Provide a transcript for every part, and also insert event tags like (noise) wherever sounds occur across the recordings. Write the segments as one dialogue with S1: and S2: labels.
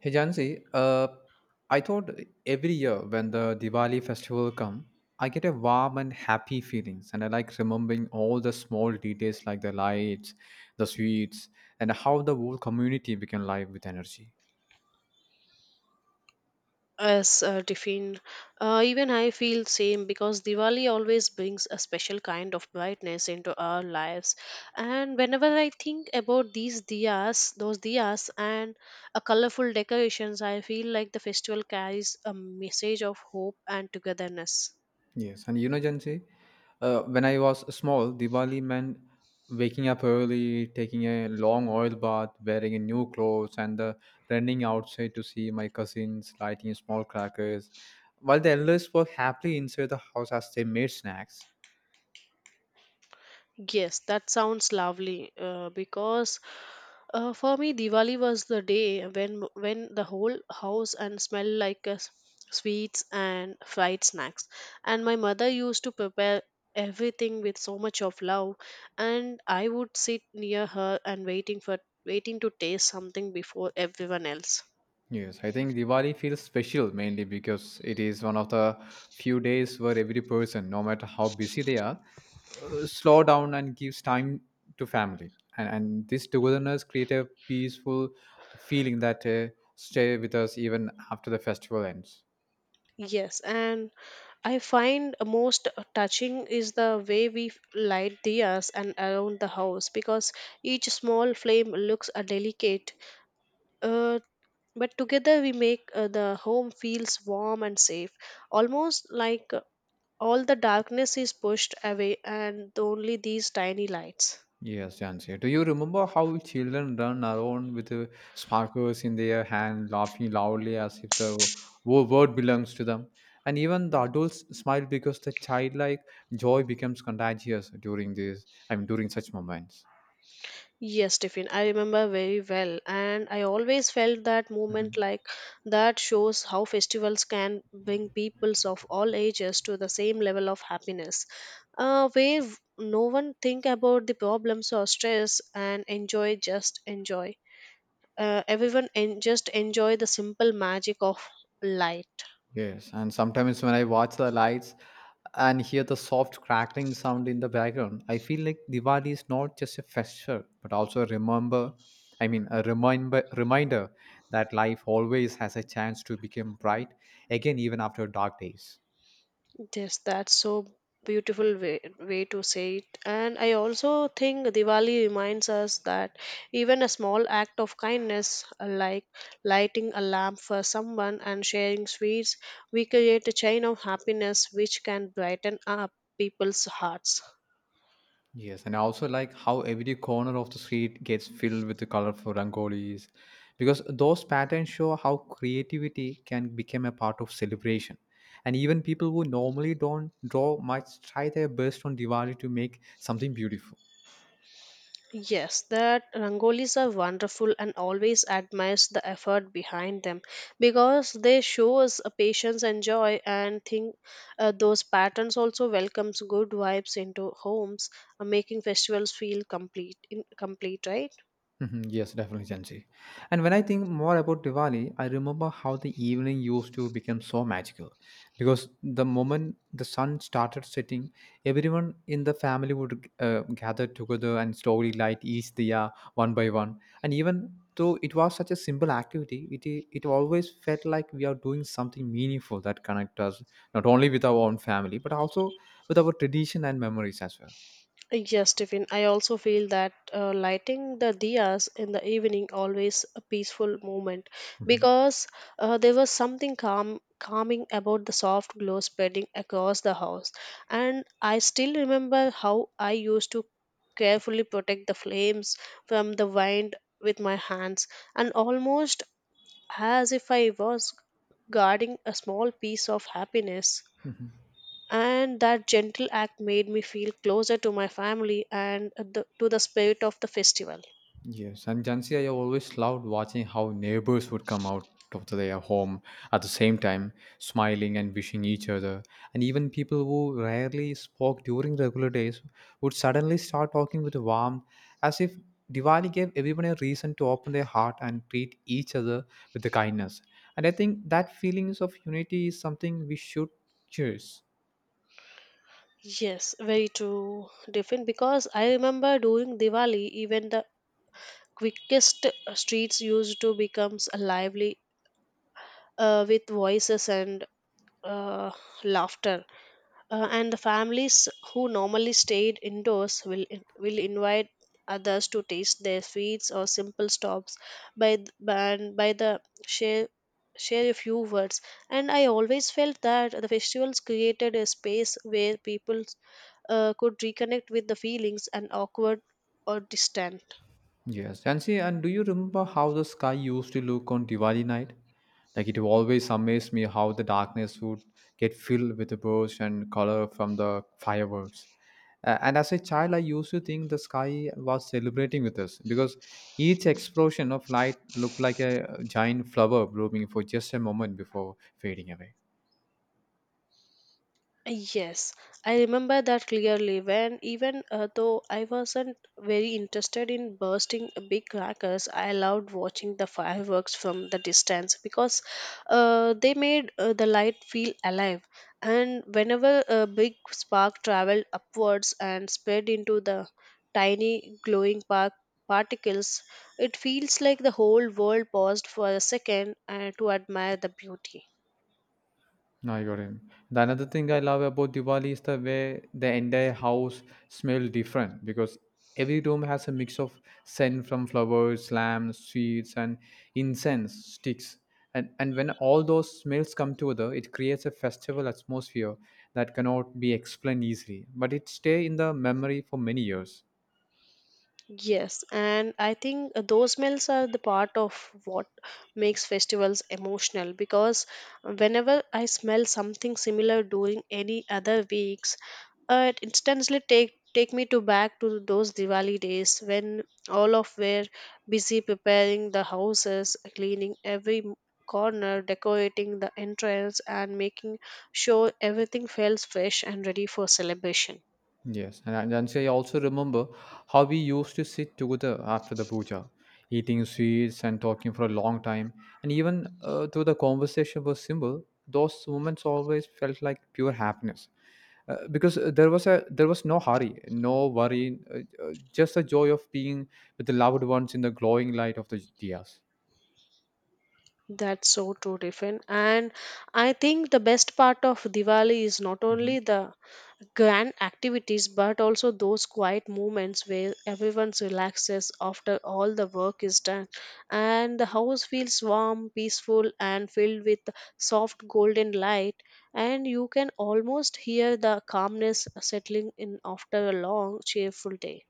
S1: Hey Jansi, I thought every year when the Diwali festival come, I get a warm and happy feelings, and I like remembering all the small details like the lights, the sweets, and how the whole community became live with energy.
S2: As Tiffin, even I feel same because Diwali always brings a special kind of brightness into our lives. And whenever I think about these diyas, those diyas and a colorful decorations, I feel like the festival carries a message of hope and togetherness.
S1: Yes, and you know, Jansi, when I was small, Diwali meant waking up early, taking a long oil bath, wearing a new clothes, and running outside to see my cousins lighting small crackers, while the elders were happily inside the house as they made snacks.
S2: Yes, that sounds lovely. Because for me, Diwali was the day when the whole house and smell like sweets and fried snacks. And my mother used to prepare everything with so much of love, and I would sit near her and waiting to taste something before everyone else.
S1: Yes, I think Diwali feels special mainly because it is one of the few days where every person, no matter how busy they are, slow down and gives time to family. And this togetherness creates a peaceful feeling that stay with us even after the festival ends.
S2: Yes, and I find most touching is the way we light diyas and around the house because each small flame looks delicate. Uh, but together we make, the home feels warm and safe, almost like, all the darkness is pushed away and only these tiny lights.
S1: Yes, Jansi. Do you remember how children run around with sparklers in their hand, laughing loudly as if the world belongs to them? And even the adults smile because the childlike joy becomes contagious during this. I mean, during such moments.
S2: Yes, Tiffin, I remember very well, and I always felt that movement
S1: Mm-hmm.
S2: like that shows how festivals can bring peoples of all ages to the same level of happiness, where no one think about the problems or stress and enjoy. Just enjoy the simple magic of life.
S1: Yes, and sometimes when I watch the lights and hear the soft crackling sound in the background, I feel like Diwali is not just a festival, but also a remember, I mean, a reminder, reminder that life always has a chance to become bright again, even after dark days.
S2: Yes, that's so beautiful way to say it. And I also think Diwali reminds us that even a small act of kindness, like lighting a lamp for someone and sharing sweets, we create a chain of happiness which can brighten up people's hearts.
S1: Yes, and I also like how every corner of the street gets filled with the colorful rangolis because those patterns show how creativity can become a part of celebration. And even people who normally don't draw much try their best on Diwali to make something beautiful.
S2: Yes, that rangolis are wonderful and always admires the effort behind them because they shows a patience and joy and think those patterns also welcomes good vibes into homes, making festivals feel complete, right?
S1: Mhm. Yes, definitely, Janji. And when I think more about Diwali, I remember how the evening used to become so magical. Because the moment the sun started setting, everyone in the family would gather together and slowly light each diya one by one. And even though it was such a simple activity, it always felt like we are doing something meaningful that connect us not only with our own family but also with our tradition and memories as well.
S2: Yes, Tiffin. I also feel that lighting the diyas in the evening always a peaceful moment
S1: Mhm.
S2: because there was something calming about the soft glow spreading across the house. And I still remember how I used to carefully protect the flames from the wind with my hands and almost as if I was guarding a small piece of happiness,
S1: Mhm.
S2: and that gentle act made me feel closer to my family and, to the spirit of the festival.
S1: Yes, and Jansi, I always loved watching how neighbors would come out of their home at the same time, smiling and wishing each other. And even people who rarely spoke during regular days would suddenly start talking with warmth, as if Diwali gave everyone a reason to open their heart and treat each other with the kindness. And I think that feelings of unity is something we should cherish.
S2: Yes, very true, different, because I remember during Diwali even the quickest streets used to becomes lively with voices and uh, laughter, and the families who normally stayed indoors will invite others to taste their sweets or simple stops by th- by- and by the share share a few words. And I always felt that the festivals created a space where people could reconnect with the feelings and awkward or distant.
S1: Yes, and see, and do you remember how the sky used to look on Diwali night? Like it always amazed me how the darkness would get filled with the birds and color from the fireworks. And as a child, I used to think the sky was celebrating with us because each explosion of light looked like a giant flower blooming for just a moment before fading away.
S2: Yes, I remember that clearly when even though I wasn't very interested in bursting a big crackers, I loved watching the fireworks from the distance because they made, the light feel alive. And whenever a big spark traveled upwards and spread into the tiny glowing particles, it feels like the whole world paused for a second, to admire the beauty.
S1: No, I got him. The another thing I love about Diwali is the way the entire house smell different because every room has a mix of scent from flowers, lamps, sweets, and incense sticks. And when all those smells come together, it creates a festival atmosphere that cannot be explained easily, but it stay in the memory for many years.
S2: Yes, and I think those meals are the part of what makes festivals emotional because, whenever I smell something similar during any other weeks, it instantly take me to back to those Diwali days when all of were busy preparing the houses, cleaning every corner, decorating the entrance, and making sure everything feels fresh and ready for celebration.
S1: Yes, and I also remember how we used to sit together after the puja, eating sweets and talking for a long time. And even though the conversation was simple, those moments always felt like pure happiness, because there was no hurry, no worry, just the joy of being with the loved ones in the glowing light of the diyas.
S2: That's so true, Tiffin. And I think the best part of Diwali is not only the grand activities but also those quiet moments where everyone relaxes after all the work is done. And the house feels warm, peaceful, and filled with soft golden light. And you can almost hear the calmness settling in after a long, cheerful day.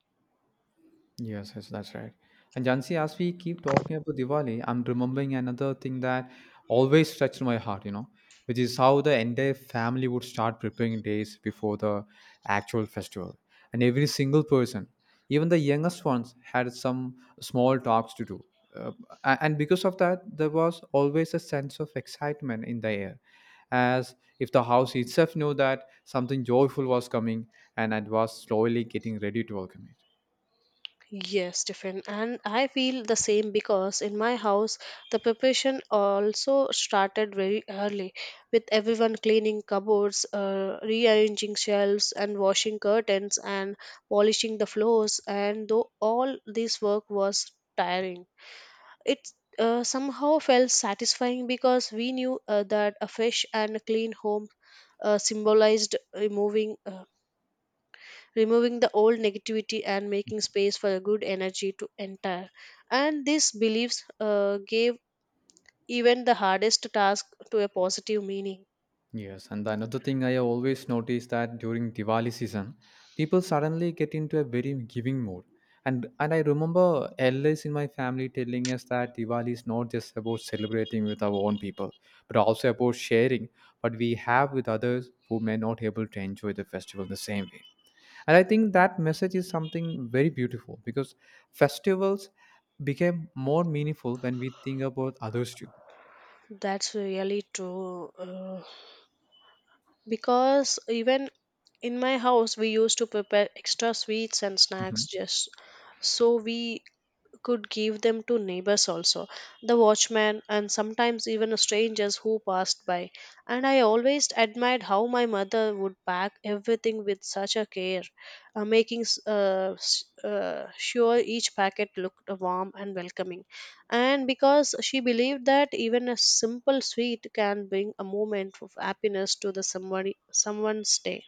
S1: Yes, yes, that's right. And Jansi, as we keep talking about Diwali, I'm remembering another thing that always touched my heart, you know, which is how the entire family would start preparing days before the actual festival. And every single person, even the youngest ones, had some small talks to do. Uh, and because of that, there was always a sense of excitement in the air, as if the house itself knew that something joyful was coming and it was slowly getting ready to welcome it.
S2: Yes, Stephen, and I feel the same because in my house the preparation also started very early, with everyone cleaning cupboards, rearranging shelves, and washing curtains and polishing the floors. And though all this work was tiring, it somehow felt satisfying because we knew that a fresh and clean home symbolized removing the old negativity and making space for a good energy to enter. And these beliefs gave even the hardest task to a positive meaning.
S1: Yes, and another thing I have always noticed that during Diwali season, people suddenly get into a very giving mood. And I remember elders in my family telling us that Diwali is not just about celebrating with our own people, but also about sharing what we have with others who may not able to enjoy the festival the same way. And I think that message is something very beautiful because festivals became more meaningful when we think about others too.
S2: That's really true. Because even in my house, we used to prepare extra sweets and snacks
S1: Mhm.
S2: just so we could give them to neighbors, also the watchman, and sometimes even strangers who passed by. And I always admired how my mother would pack everything with such a care, sure each packet looked warm and welcoming, and because she believed that even a simple sweet can bring a moment of happiness to the somebody someone's day.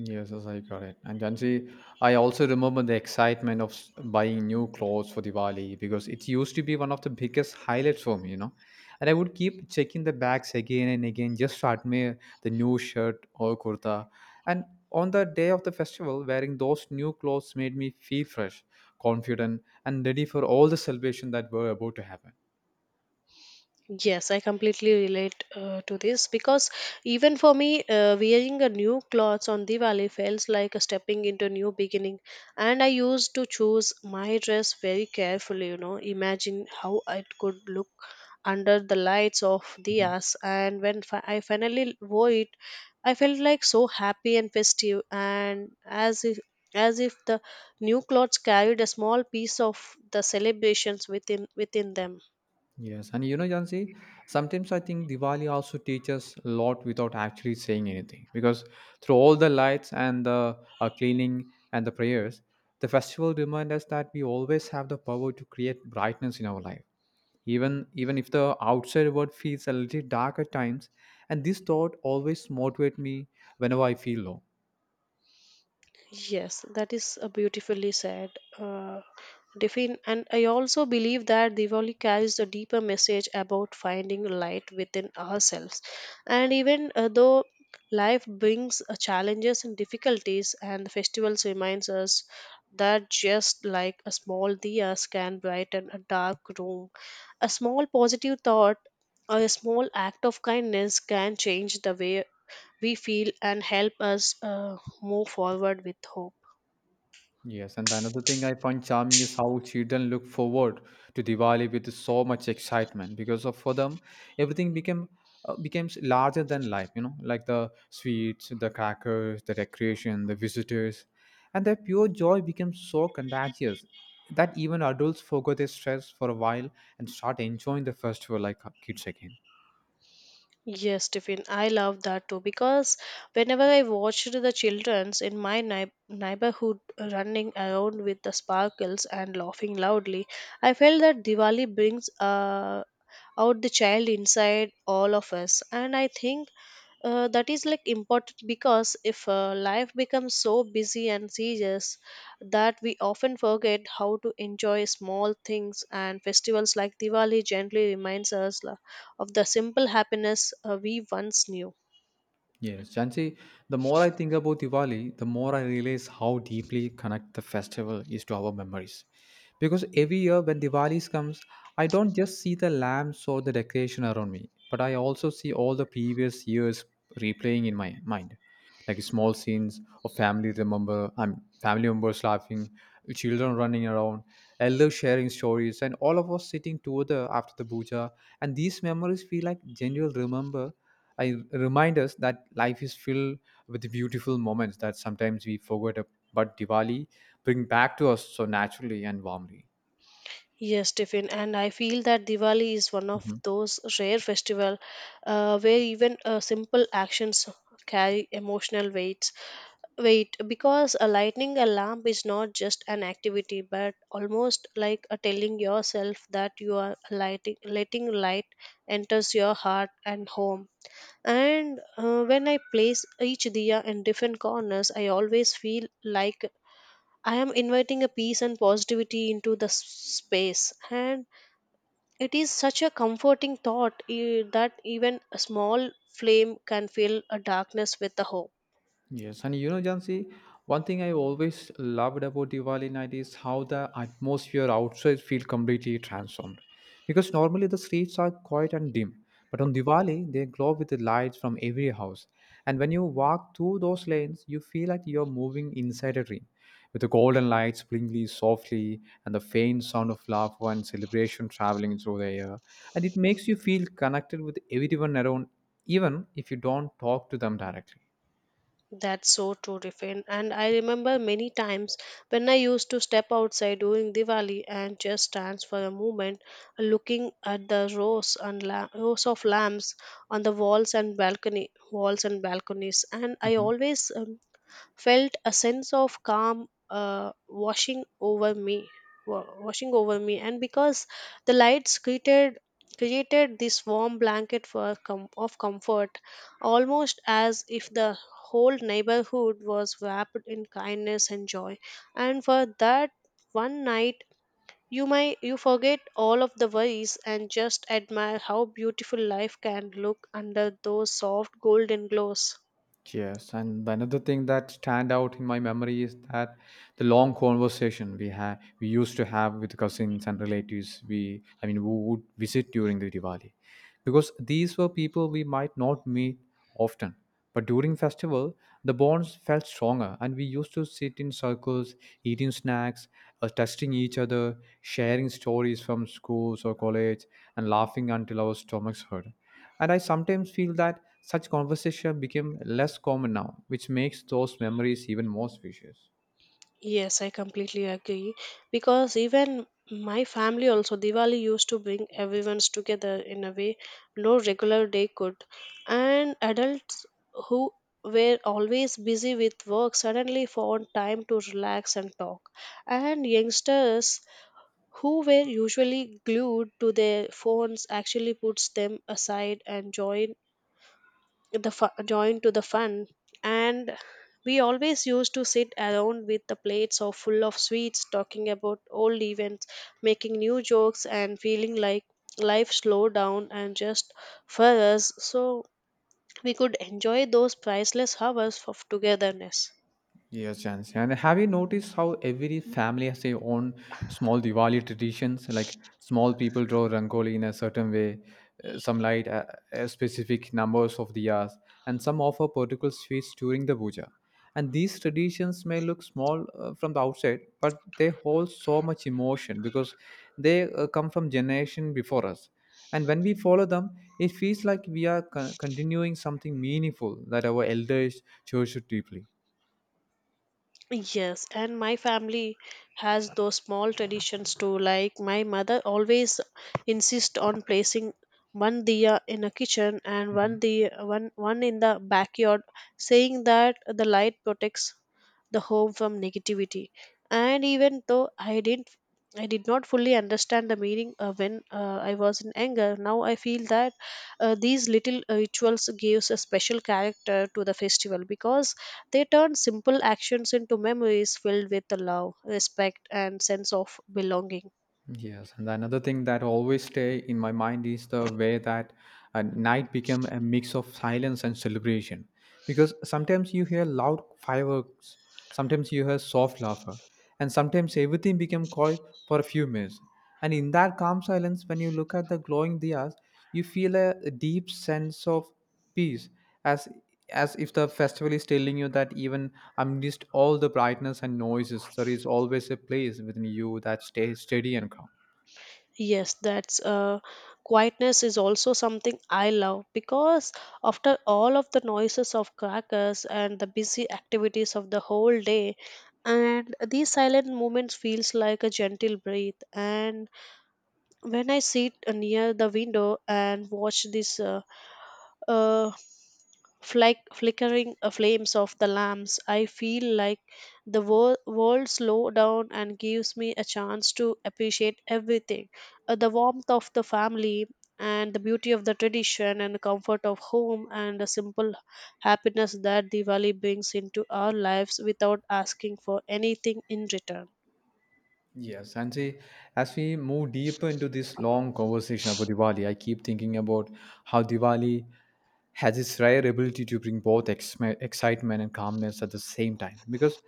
S1: Yes, yes, I got it. And Jansi, I also remember the excitement of buying new clothes for Diwali because it used to be one of the biggest highlights for me, you know. And I would keep checking the bags again and again just to admire the new shirt or kurta. And on the day of the festival, wearing those new clothes made me feel fresh, confident, and ready for all the celebration that were about to happen.
S2: Yes, I completely relate to this because even for me, wearing a new clothes on Diwali feels like a stepping into a new beginning. And I used to choose my dress very carefully, you know, imagine how it could look under the lights of
S1: Mm-hmm.
S2: diyas. And when I finally wore it, I felt like so happy and festive, and as if the new clothes carried a small piece of the celebrations within them.
S1: Yes, and you know, Jansi, sometimes I think Diwali also teaches a lot without actually saying anything because through all the lights and the cleaning and the prayers, the festival reminds us that we always have the power to create brightness in our life, even if the outside world feels a little dark at times. And this thought always motivates me whenever I feel low.
S2: Yes, that is a beautifully said. Uh, Defin, and I also believe that Diwali carries a deeper message about finding light within ourselves. And even though life brings challenges and difficulties, and the festivals reminds us that just like a small diya can brighten a dark room, a small positive thought or a small act of kindness can change the way we feel and help us move forward with hope.
S1: Yes, and another thing I find charming is how children look forward to Diwali with so much excitement because of for them everything became becomes larger than life, you know, like the sweets, the crackers, the decoration, the visitors, and their pure joy becomes so contagious that even adults forget their stress for a while and start enjoying the festival like kids again.
S2: Yes, Tiffin, I love that too because whenever I watched the childrens in my neighborhood running around with the sparkles and laughing loudly, I felt that Diwali brings out the child inside all of us, and I think that is like important because if life becomes so busy and serious that we often forget how to enjoy small things and festivals like Diwali gently reminds us of the simple happiness, we once knew.
S1: Yes, Jansi, the more I think about Diwali, the more I realize how deeply connect the festival is to our memories. Because every year when Diwali comes, I don't just see the lamps or the decoration around me, but I also see all the previous years replaying in my mind, like small scenes of family members laughing, children running around, elders sharing stories, and all of us sitting together after the puja. And these memories feel like genuine remember I remind us that life is filled with beautiful moments that sometimes we forget, but Diwali bring back to us so naturally and warmly.
S2: Yes, Tiffin, and I feel that Diwali is one of
S1: Mm-hmm.
S2: those rare festival where even simple actions carry emotional weights. Wait, because a lightning alarm is not just an activity, but almost like a telling yourself that you are letting light enters your heart and home. And when I place each diya in different corners, I always feel like I am inviting a peace and positivity into the space. And it is such a comforting thought, that even a small flame can fill a darkness with the hope.
S1: Yes, and you know, Jansi, one thing I always loved about Diwali night is how the atmosphere outside feels completely transformed. Because normally the streets are quiet and dim, but on Diwali they glow with the lights from every house. And when you walk through those lanes, you feel like you're moving inside a dream, with the golden lights blinking softly and the faint sound of laughter and celebration traveling through the air. And it makes you feel connected with everyone around, even if you don't talk to them directly.
S2: That's so true, Riffin. And I remember many times when I used to step outside during Diwali and just stands for a moment, looking at the rows of lamps on the walls and balconies. And I
S1: Mm-hmm.
S2: always, felt a sense of calm, washing over me, and because the lights created created this warm blanket of comfort, almost as if the whole neighborhood was wrapped in kindness and joy. And for that one night, you forget all of the worries and just admire how beautiful life can look under those soft golden glows.
S1: Yes, and the another thing that stand out in my memory is that the long conversation we used to have with cousins and relatives we I mean who would visit during the Diwali, because these were people we might not meet often, but during festival the bonds felt stronger and we used to sit in circles eating snacks, testing each other, sharing stories from schools or college, and laughing until our stomachs hurt. And I sometimes feel that such conversation became less common now, which makes those memories even more special.
S2: Yes, I completely agree. Because even my family also, Diwali used to bring everyone's together in a way no regular day could. And adults who were always busy with work suddenly found time to relax and talk. And youngsters who were usually glued to their phones actually puts them aside and join join to the fun. And we always used to sit around with the plates or full of sweets, talking about old events, making new jokes, and feeling like life slowed down and just for us, so we could enjoy those priceless hours of togetherness.
S1: Yes, Jans. And have you noticed how every family has their own small Diwali traditions? Like small people draw Rangoli in a certain way, some light specific numbers of diyas, and some offer particular sweets during the puja. And these traditions may look small from the outside, but they hold so much emotion because they come from generation before us. And when we follow them, it feels like we are continuing something meaningful that our elders cherish deeply.
S2: Yes, and my family has those small traditions too. Like my mother always insists on placing one diya in a kitchen and
S1: Mm-hmm.
S2: one diya, one one in the backyard, saying that the light protects the home from negativity. And even though I did not fully understand the meaning when I was in anger. Now I feel that these little rituals gives a special character to the festival because they turn simple actions into memories filled with love, respect, and sense of belonging.
S1: Yes, and another thing that always stay in my mind is the way that a night became a mix of silence and celebration. Because sometimes you hear loud fireworks, sometimes you hear soft laughter, and sometimes everything became quiet for a few minutes. And in that calm silence, when you look at the glowing diyas, you feel a deep sense of peace as as if the festival is telling you that even amidst all the brightness and noises, there is always a place within you that stays steady and calm.
S2: Yes, that's quietness is also something I love because after all of the noises of crackers and the busy activities of the whole day, and these silent moments feels like a gentle breath and when I sit near the window and watch this uh, flickering flames of the lamps, I feel like the world slow down and gives me a chance to appreciate everything. The warmth of the family and the beauty of the tradition and the comfort of home and the simple happiness that Diwali brings into our lives without asking for anything in return.
S1: Yes, and see, as we move deeper into this long conversation about Diwali, I keep thinking about how Diwali has its rare ability to bring both excitement and calmness at the same time, because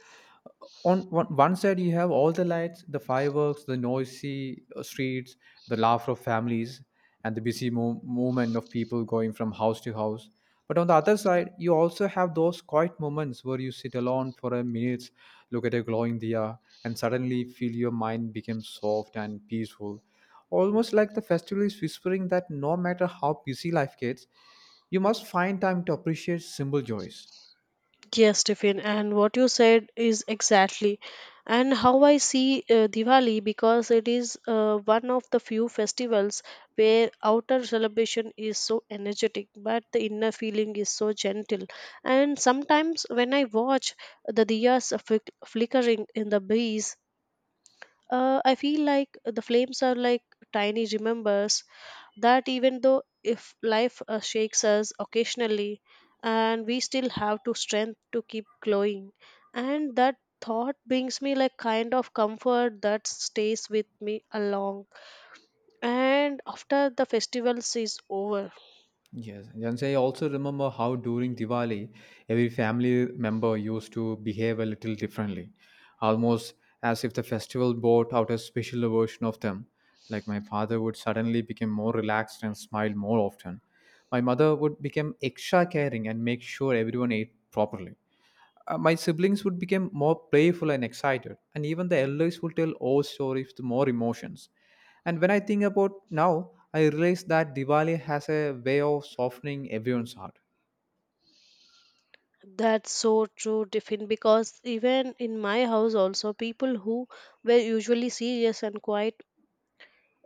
S1: on one side you have all the lights, the fireworks, the noisy streets, the laughter of families, and the busy movement of people going from house to house. But on the other side, you also have those quiet moments where you sit alone for a minute, look at a glowing diya, and suddenly feel your mind become soft and peaceful, almost like the festival is whispering that no matter how busy life gets, you must find time to appreciate simple joys.
S2: Yes, Stephen, and what you said is exactly, and how I see Diwali because it is one of the few festivals where outer celebration is so energetic, but the inner feeling is so gentle. And sometimes when I watch the diyas flickering in the breeze, I feel like the flames are like tiny remembers that even though if life shakes us occasionally and we still have to strength to keep glowing, and that thought brings me like kind of comfort that stays with me along and after the festivals is over.
S1: Yes, and I also remember how during Diwali, every family member used to behave a little differently, almost as if the festival brought out a special version of them. Like my father would suddenly become more relaxed and smile more often. My mother would become extra caring and make sure everyone ate properly. My siblings would become more playful and excited, and even the elders would tell old stories with more emotions. And when I think about now, I realize that Diwali has a way of softening everyone's heart.
S2: That's so true different because even in my house also people who were usually serious and quiet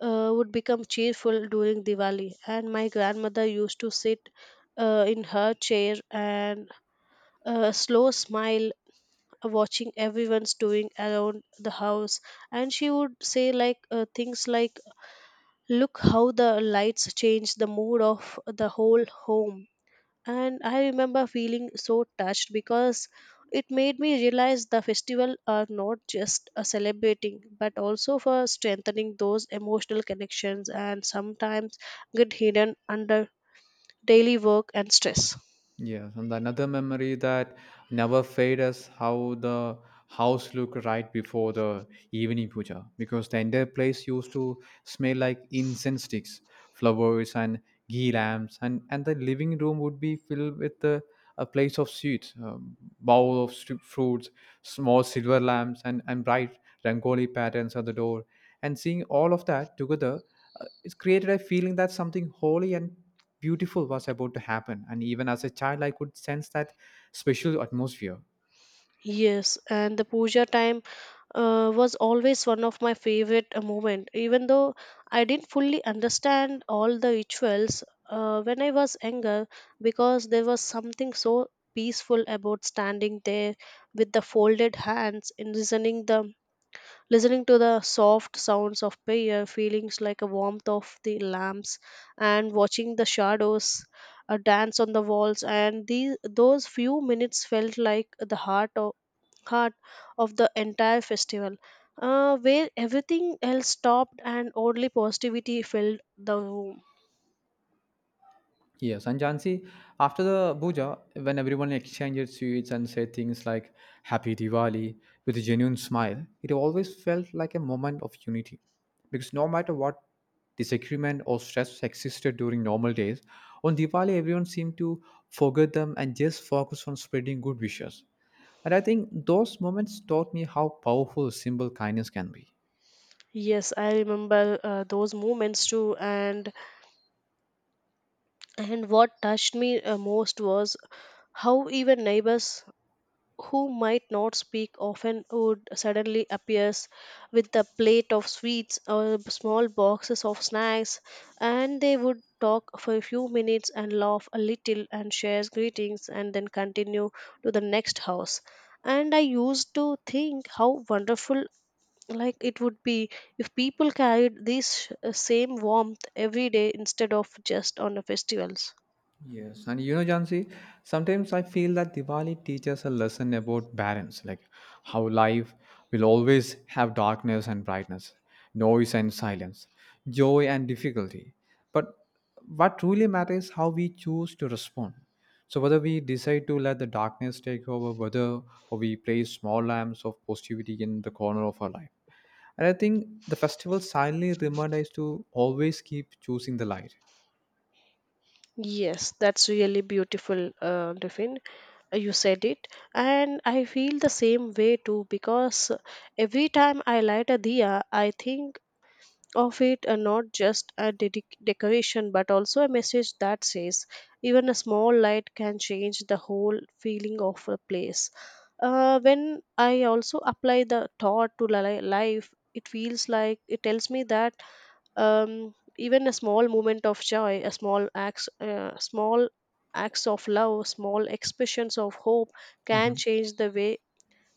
S2: would become cheerful during Diwali. And my grandmother used to sit in her chair and a slow smile watching everyone's doing around the house, and she would say like things like look how the lights change the mood of the whole home. And I remember feeling so touched because it made me realize the festival are not just a celebrating but also for strengthening those emotional connections and sometimes get hidden under daily work and stress.
S1: Yes, and another memory that never fades is how the house looked right before the evening puja, because the entire place used to smell like incense sticks, flowers, and ghee lamps, and the living room would be filled with a place of sweets, bowl of fruits, small silver lamps, and bright rangoli patterns at the door. And seeing all of that together, it's created a feeling that something holy and beautiful was about to happen. And even as a child, I could sense that special atmosphere.
S2: Yes, and the puja time was always one of my favorite moment. Even though I didn't fully understand all the rituals when I was younger, because there was something so peaceful about standing there with the folded hands and listening to the soft sounds of prayer, feelings like a warmth of the lamps, and watching the shadows. A dance on the walls, and these those few minutes felt like the heart of the entire festival, where everything else stopped and only positivity filled the room.
S1: Yes, and Jansi, after the puja, when everyone exchanged sweets and said things like "Happy Diwali" with a genuine smile, it always felt like a moment of unity. Because no matter what disagreement or stress existed during normal days, on Diwali everyone seemed to forget them and just focus on spreading good wishes. And I think those moments taught me how powerful simple kindness can be.
S2: Yes, I remember those moments too, and what touched me most was how even neighbors who might not speak often would suddenly appears with a plate of sweets or small boxes of snacks, and they would talk for a few minutes and laugh a little and share greetings and then continue to the next house. And I used to think how wonderful like it would be if people carried this same warmth every day instead of just on the festivals.
S1: Yes, and you know, Jansi, sometimes I feel that Diwali teaches a lesson about balance, like how life will always have darkness and brightness, noise and silence, joy and difficulty. But what truly matters is how we choose to respond. So, whether we decide to let the darkness take over, whether or we place small lamps of positivity in the corner of our life. And I think the festival silently remind us to always keep choosing the light.
S2: Yes, that's really beautiful, Devin. You said it and I feel the same way too because every time I light a diya I think of it, not just a decoration but also a message that says even a small light can change the whole feeling of a place. When I also apply the thought to life, it feels like it tells me that, even a small moment of joy, a small acts, small acts of love, small expressions of hope, can
S1: Mm-hmm.
S2: change the way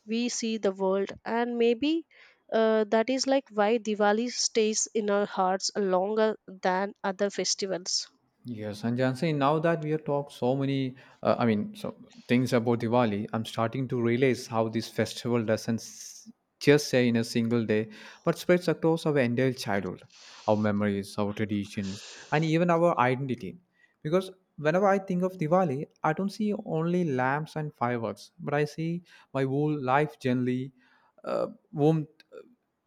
S2: we see the world. And maybe that is like why diwali stays in our hearts longer than other festivals.
S1: Yes, and Jansi, now that we have talked so many, I mean, so things about Diwali, I'm starting to realize how this festival doesn't just say in a single day, but spreads across our entire childhood, our memories, our traditions, and even our identity. Because whenever I think of Diwali, I don't see only lamps and fireworks, but I see my whole life generally won't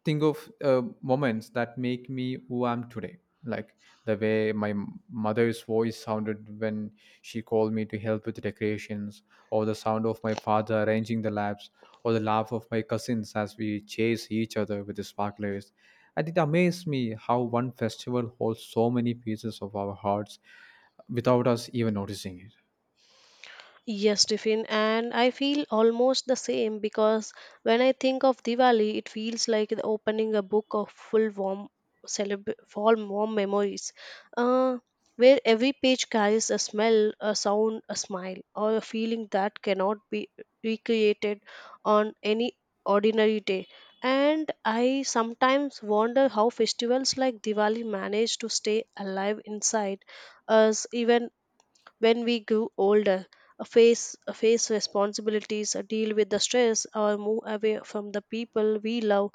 S1: think of moments that make me who I'm today. Like the way my mother's voice sounded when she called me to help with decorations, or the sound of my father arranging the lamps, or the laugh of my cousins as we chase each other with the sparklers. And it amazed me how one festival holds so many pieces of our hearts without us even noticing it.
S2: Yes, Tiffin, and I feel almost the same because when I think of Diwali, it feels like the opening a book of full warm, full warm memories, uh, where every page carries a smell, a sound, a smile, or a feeling that cannot be recreated on any ordinary day. And I sometimes wonder how festivals like Diwali manage to stay alive inside us even when we grow older, face responsibilities, deal with the stress, or move away from the people we love.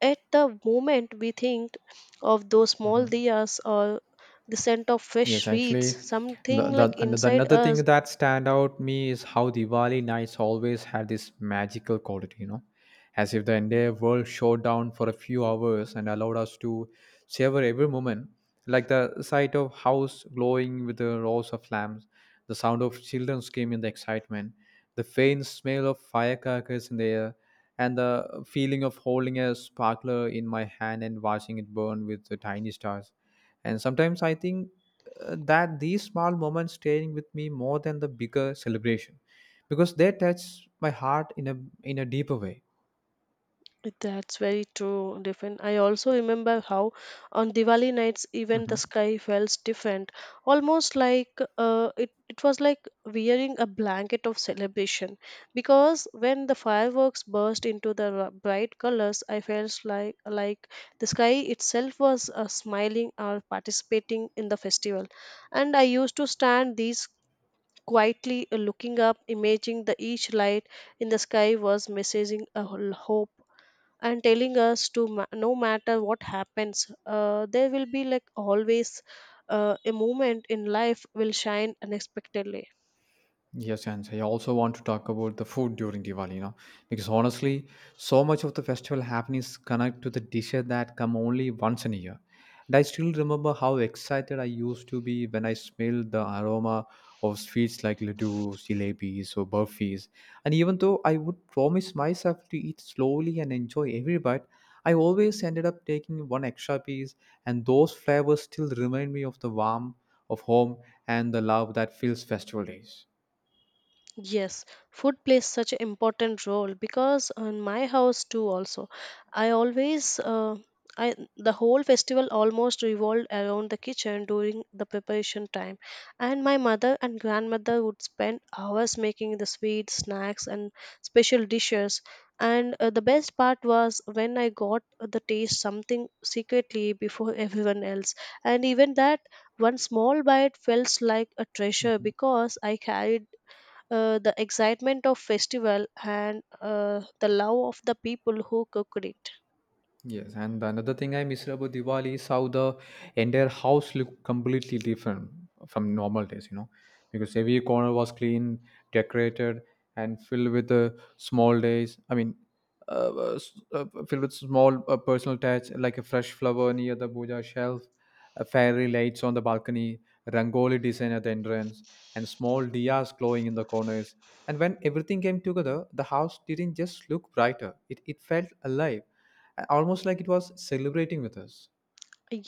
S2: At the moment, we think of those small diyas or the scent of fresh
S1: Yes,
S2: sweets.
S1: actually, the,
S2: Something like
S1: the, and the
S2: inside
S1: another thing
S2: us.
S1: that stand out me is how Diwali nights always have this magical quality, you know, as if the entire world shut down for a few hours and allowed us to savor every moment, like the sight of house glowing with the rows of lamps, the sound of children screaming in the excitement, the faint smell of firecrackers in the air, and the feeling of holding a sparkler in my hand and watching it burn with the tiny stars. And sometimes I think that these small moments staying with me more than the bigger celebration, because they touch my heart in a deeper way.
S2: That's very true, different. I also remember how on Diwali nights even the
S1: Mhm.
S2: sky felt different, almost like it was like wearing a blanket of celebration. Because when the fireworks burst into the bright colors, I felt like the sky itself was smiling or participating in the festival, and I used to stand these quietly, looking up, imagining the each light in the sky was messaging a whole hope and telling us to no matter what happens, there will be like always a moment in life will shine unexpectedly.
S1: Yes, and I also want to talk about the food during Diwali, you know, because honestly, so much of the festival happenings connect to the dishes that come only once in a year. And I still remember how excited I used to be when I smelled the aroma of sweets like laddu, jalebis, or burfis. And even though I would promise myself to eat slowly and enjoy every bite, I always ended up taking one extra piece, and those flavors still remind me of the warmth of home and the love that fills festival days.
S2: Yes, food plays such an important role because in my house too also, I always uh, I the whole festival almost revolved around the kitchen during the preparation time, and my mother and grandmother would spend hours making the sweets, snacks, and special dishes. And the best part was when I got the taste something secretly before (laughs) everyone else, and even that one small bite felt like a treasure
S1: Mhm.
S2: because I carried the excitement of festival and the love of the people who cooked it.
S1: Yes, and another thing I miss about Diwali is how the entire house looked completely different from normal days, you know, because every corner was clean, decorated, and filled with the small days. I mean, filled with small personal touch, like a fresh flower near the puja shelf, fairy lights on the balcony, rangoli design at the entrance, and small diyas glowing in the corners. And when everything came together, the house didn't just look brighter; it felt alive, almost like it was celebrating with us.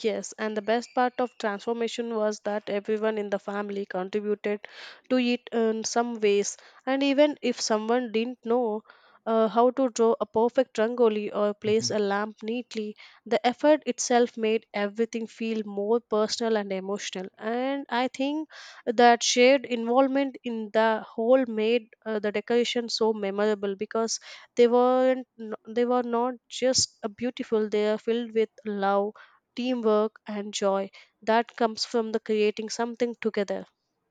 S2: Yes, and the best part of transformation was that everyone in the family contributed to it in some ways. And even if someone didn't know how to draw a perfect rangoli or place
S1: Mhm.
S2: a lamp neatly, the effort itself made everything feel more personal and emotional. And I think that shared involvement in the whole made the decoration so memorable because they weren't they were not just beautiful; they are filled with love, teamwork, and joy that comes from the creating something together.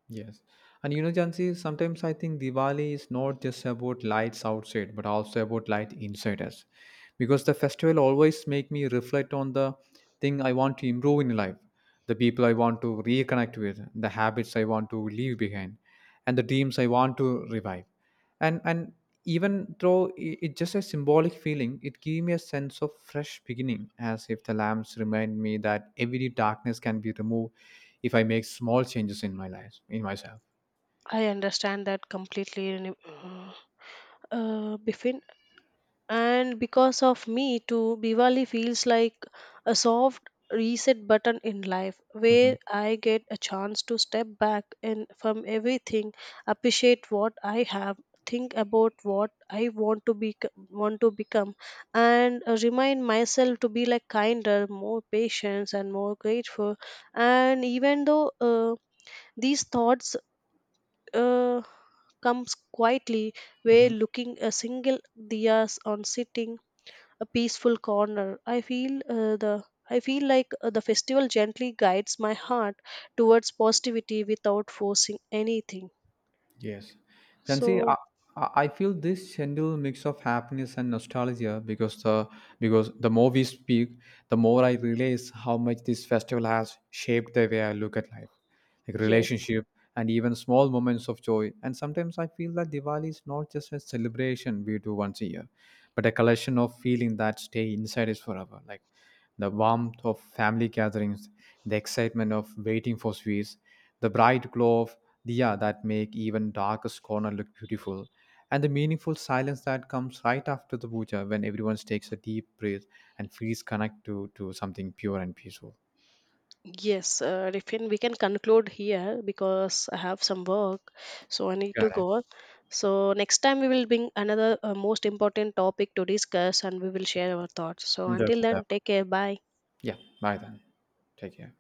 S1: Yes. And you know, Jansi, sometimes I think Diwali is not just about lights outside, but also about light inside us. Because the festival always make me reflect on the thing I want to improve in life, the people I want to reconnect with, the habits I want to leave behind, and the dreams I want to revive. And and even though i- it's just a symbolic feeling, it gave me a sense of fresh beginning, as if the lamps remind me that every darkness can be removed if I make small changes in my life, in myself.
S2: I understand that completely. Renu. Bifin, and because of me too diwali feels like a soft reset button in life
S1: Mm-hmm.
S2: where I get a chance to step back and from everything, appreciate what I have, think about what I want to be, want to become, and remind myself to be like kinder, more patient, and more grateful. And even though these thoughts uh, comes quietly, where looking a single diyas on sitting a peaceful corner. I feel the I feel like the festival gently guides my heart towards positivity without forcing anything.
S1: Yes. Jansi, I,
S2: So
S1: I I feel this gentle mix of happiness and nostalgia, because the more we speak, the more I realize how much this festival has shaped the way I look at life, like
S2: yes,
S1: relationship and even small moments of joy. And sometimes I feel that Diwali is not just a celebration we do once a year, but a collection of feeling that stay inside us forever. Like the warmth of family gatherings, the excitement of waiting for sweets, the bright glow of diya that make even darkest corner look beautiful, and the meaningful silence that comes right after the puja when everyone takes a deep breath and feels connected to something pure and peaceful.
S2: yes, Rifin, we can conclude here because I have some work, so I need to
S1: Got it.
S2: go. So next time we will bring another most important topic to discuss, and we will share our thoughts. So until
S1: Definitely.
S2: then, take care. Bye.
S1: Yeah, bye then. Take care.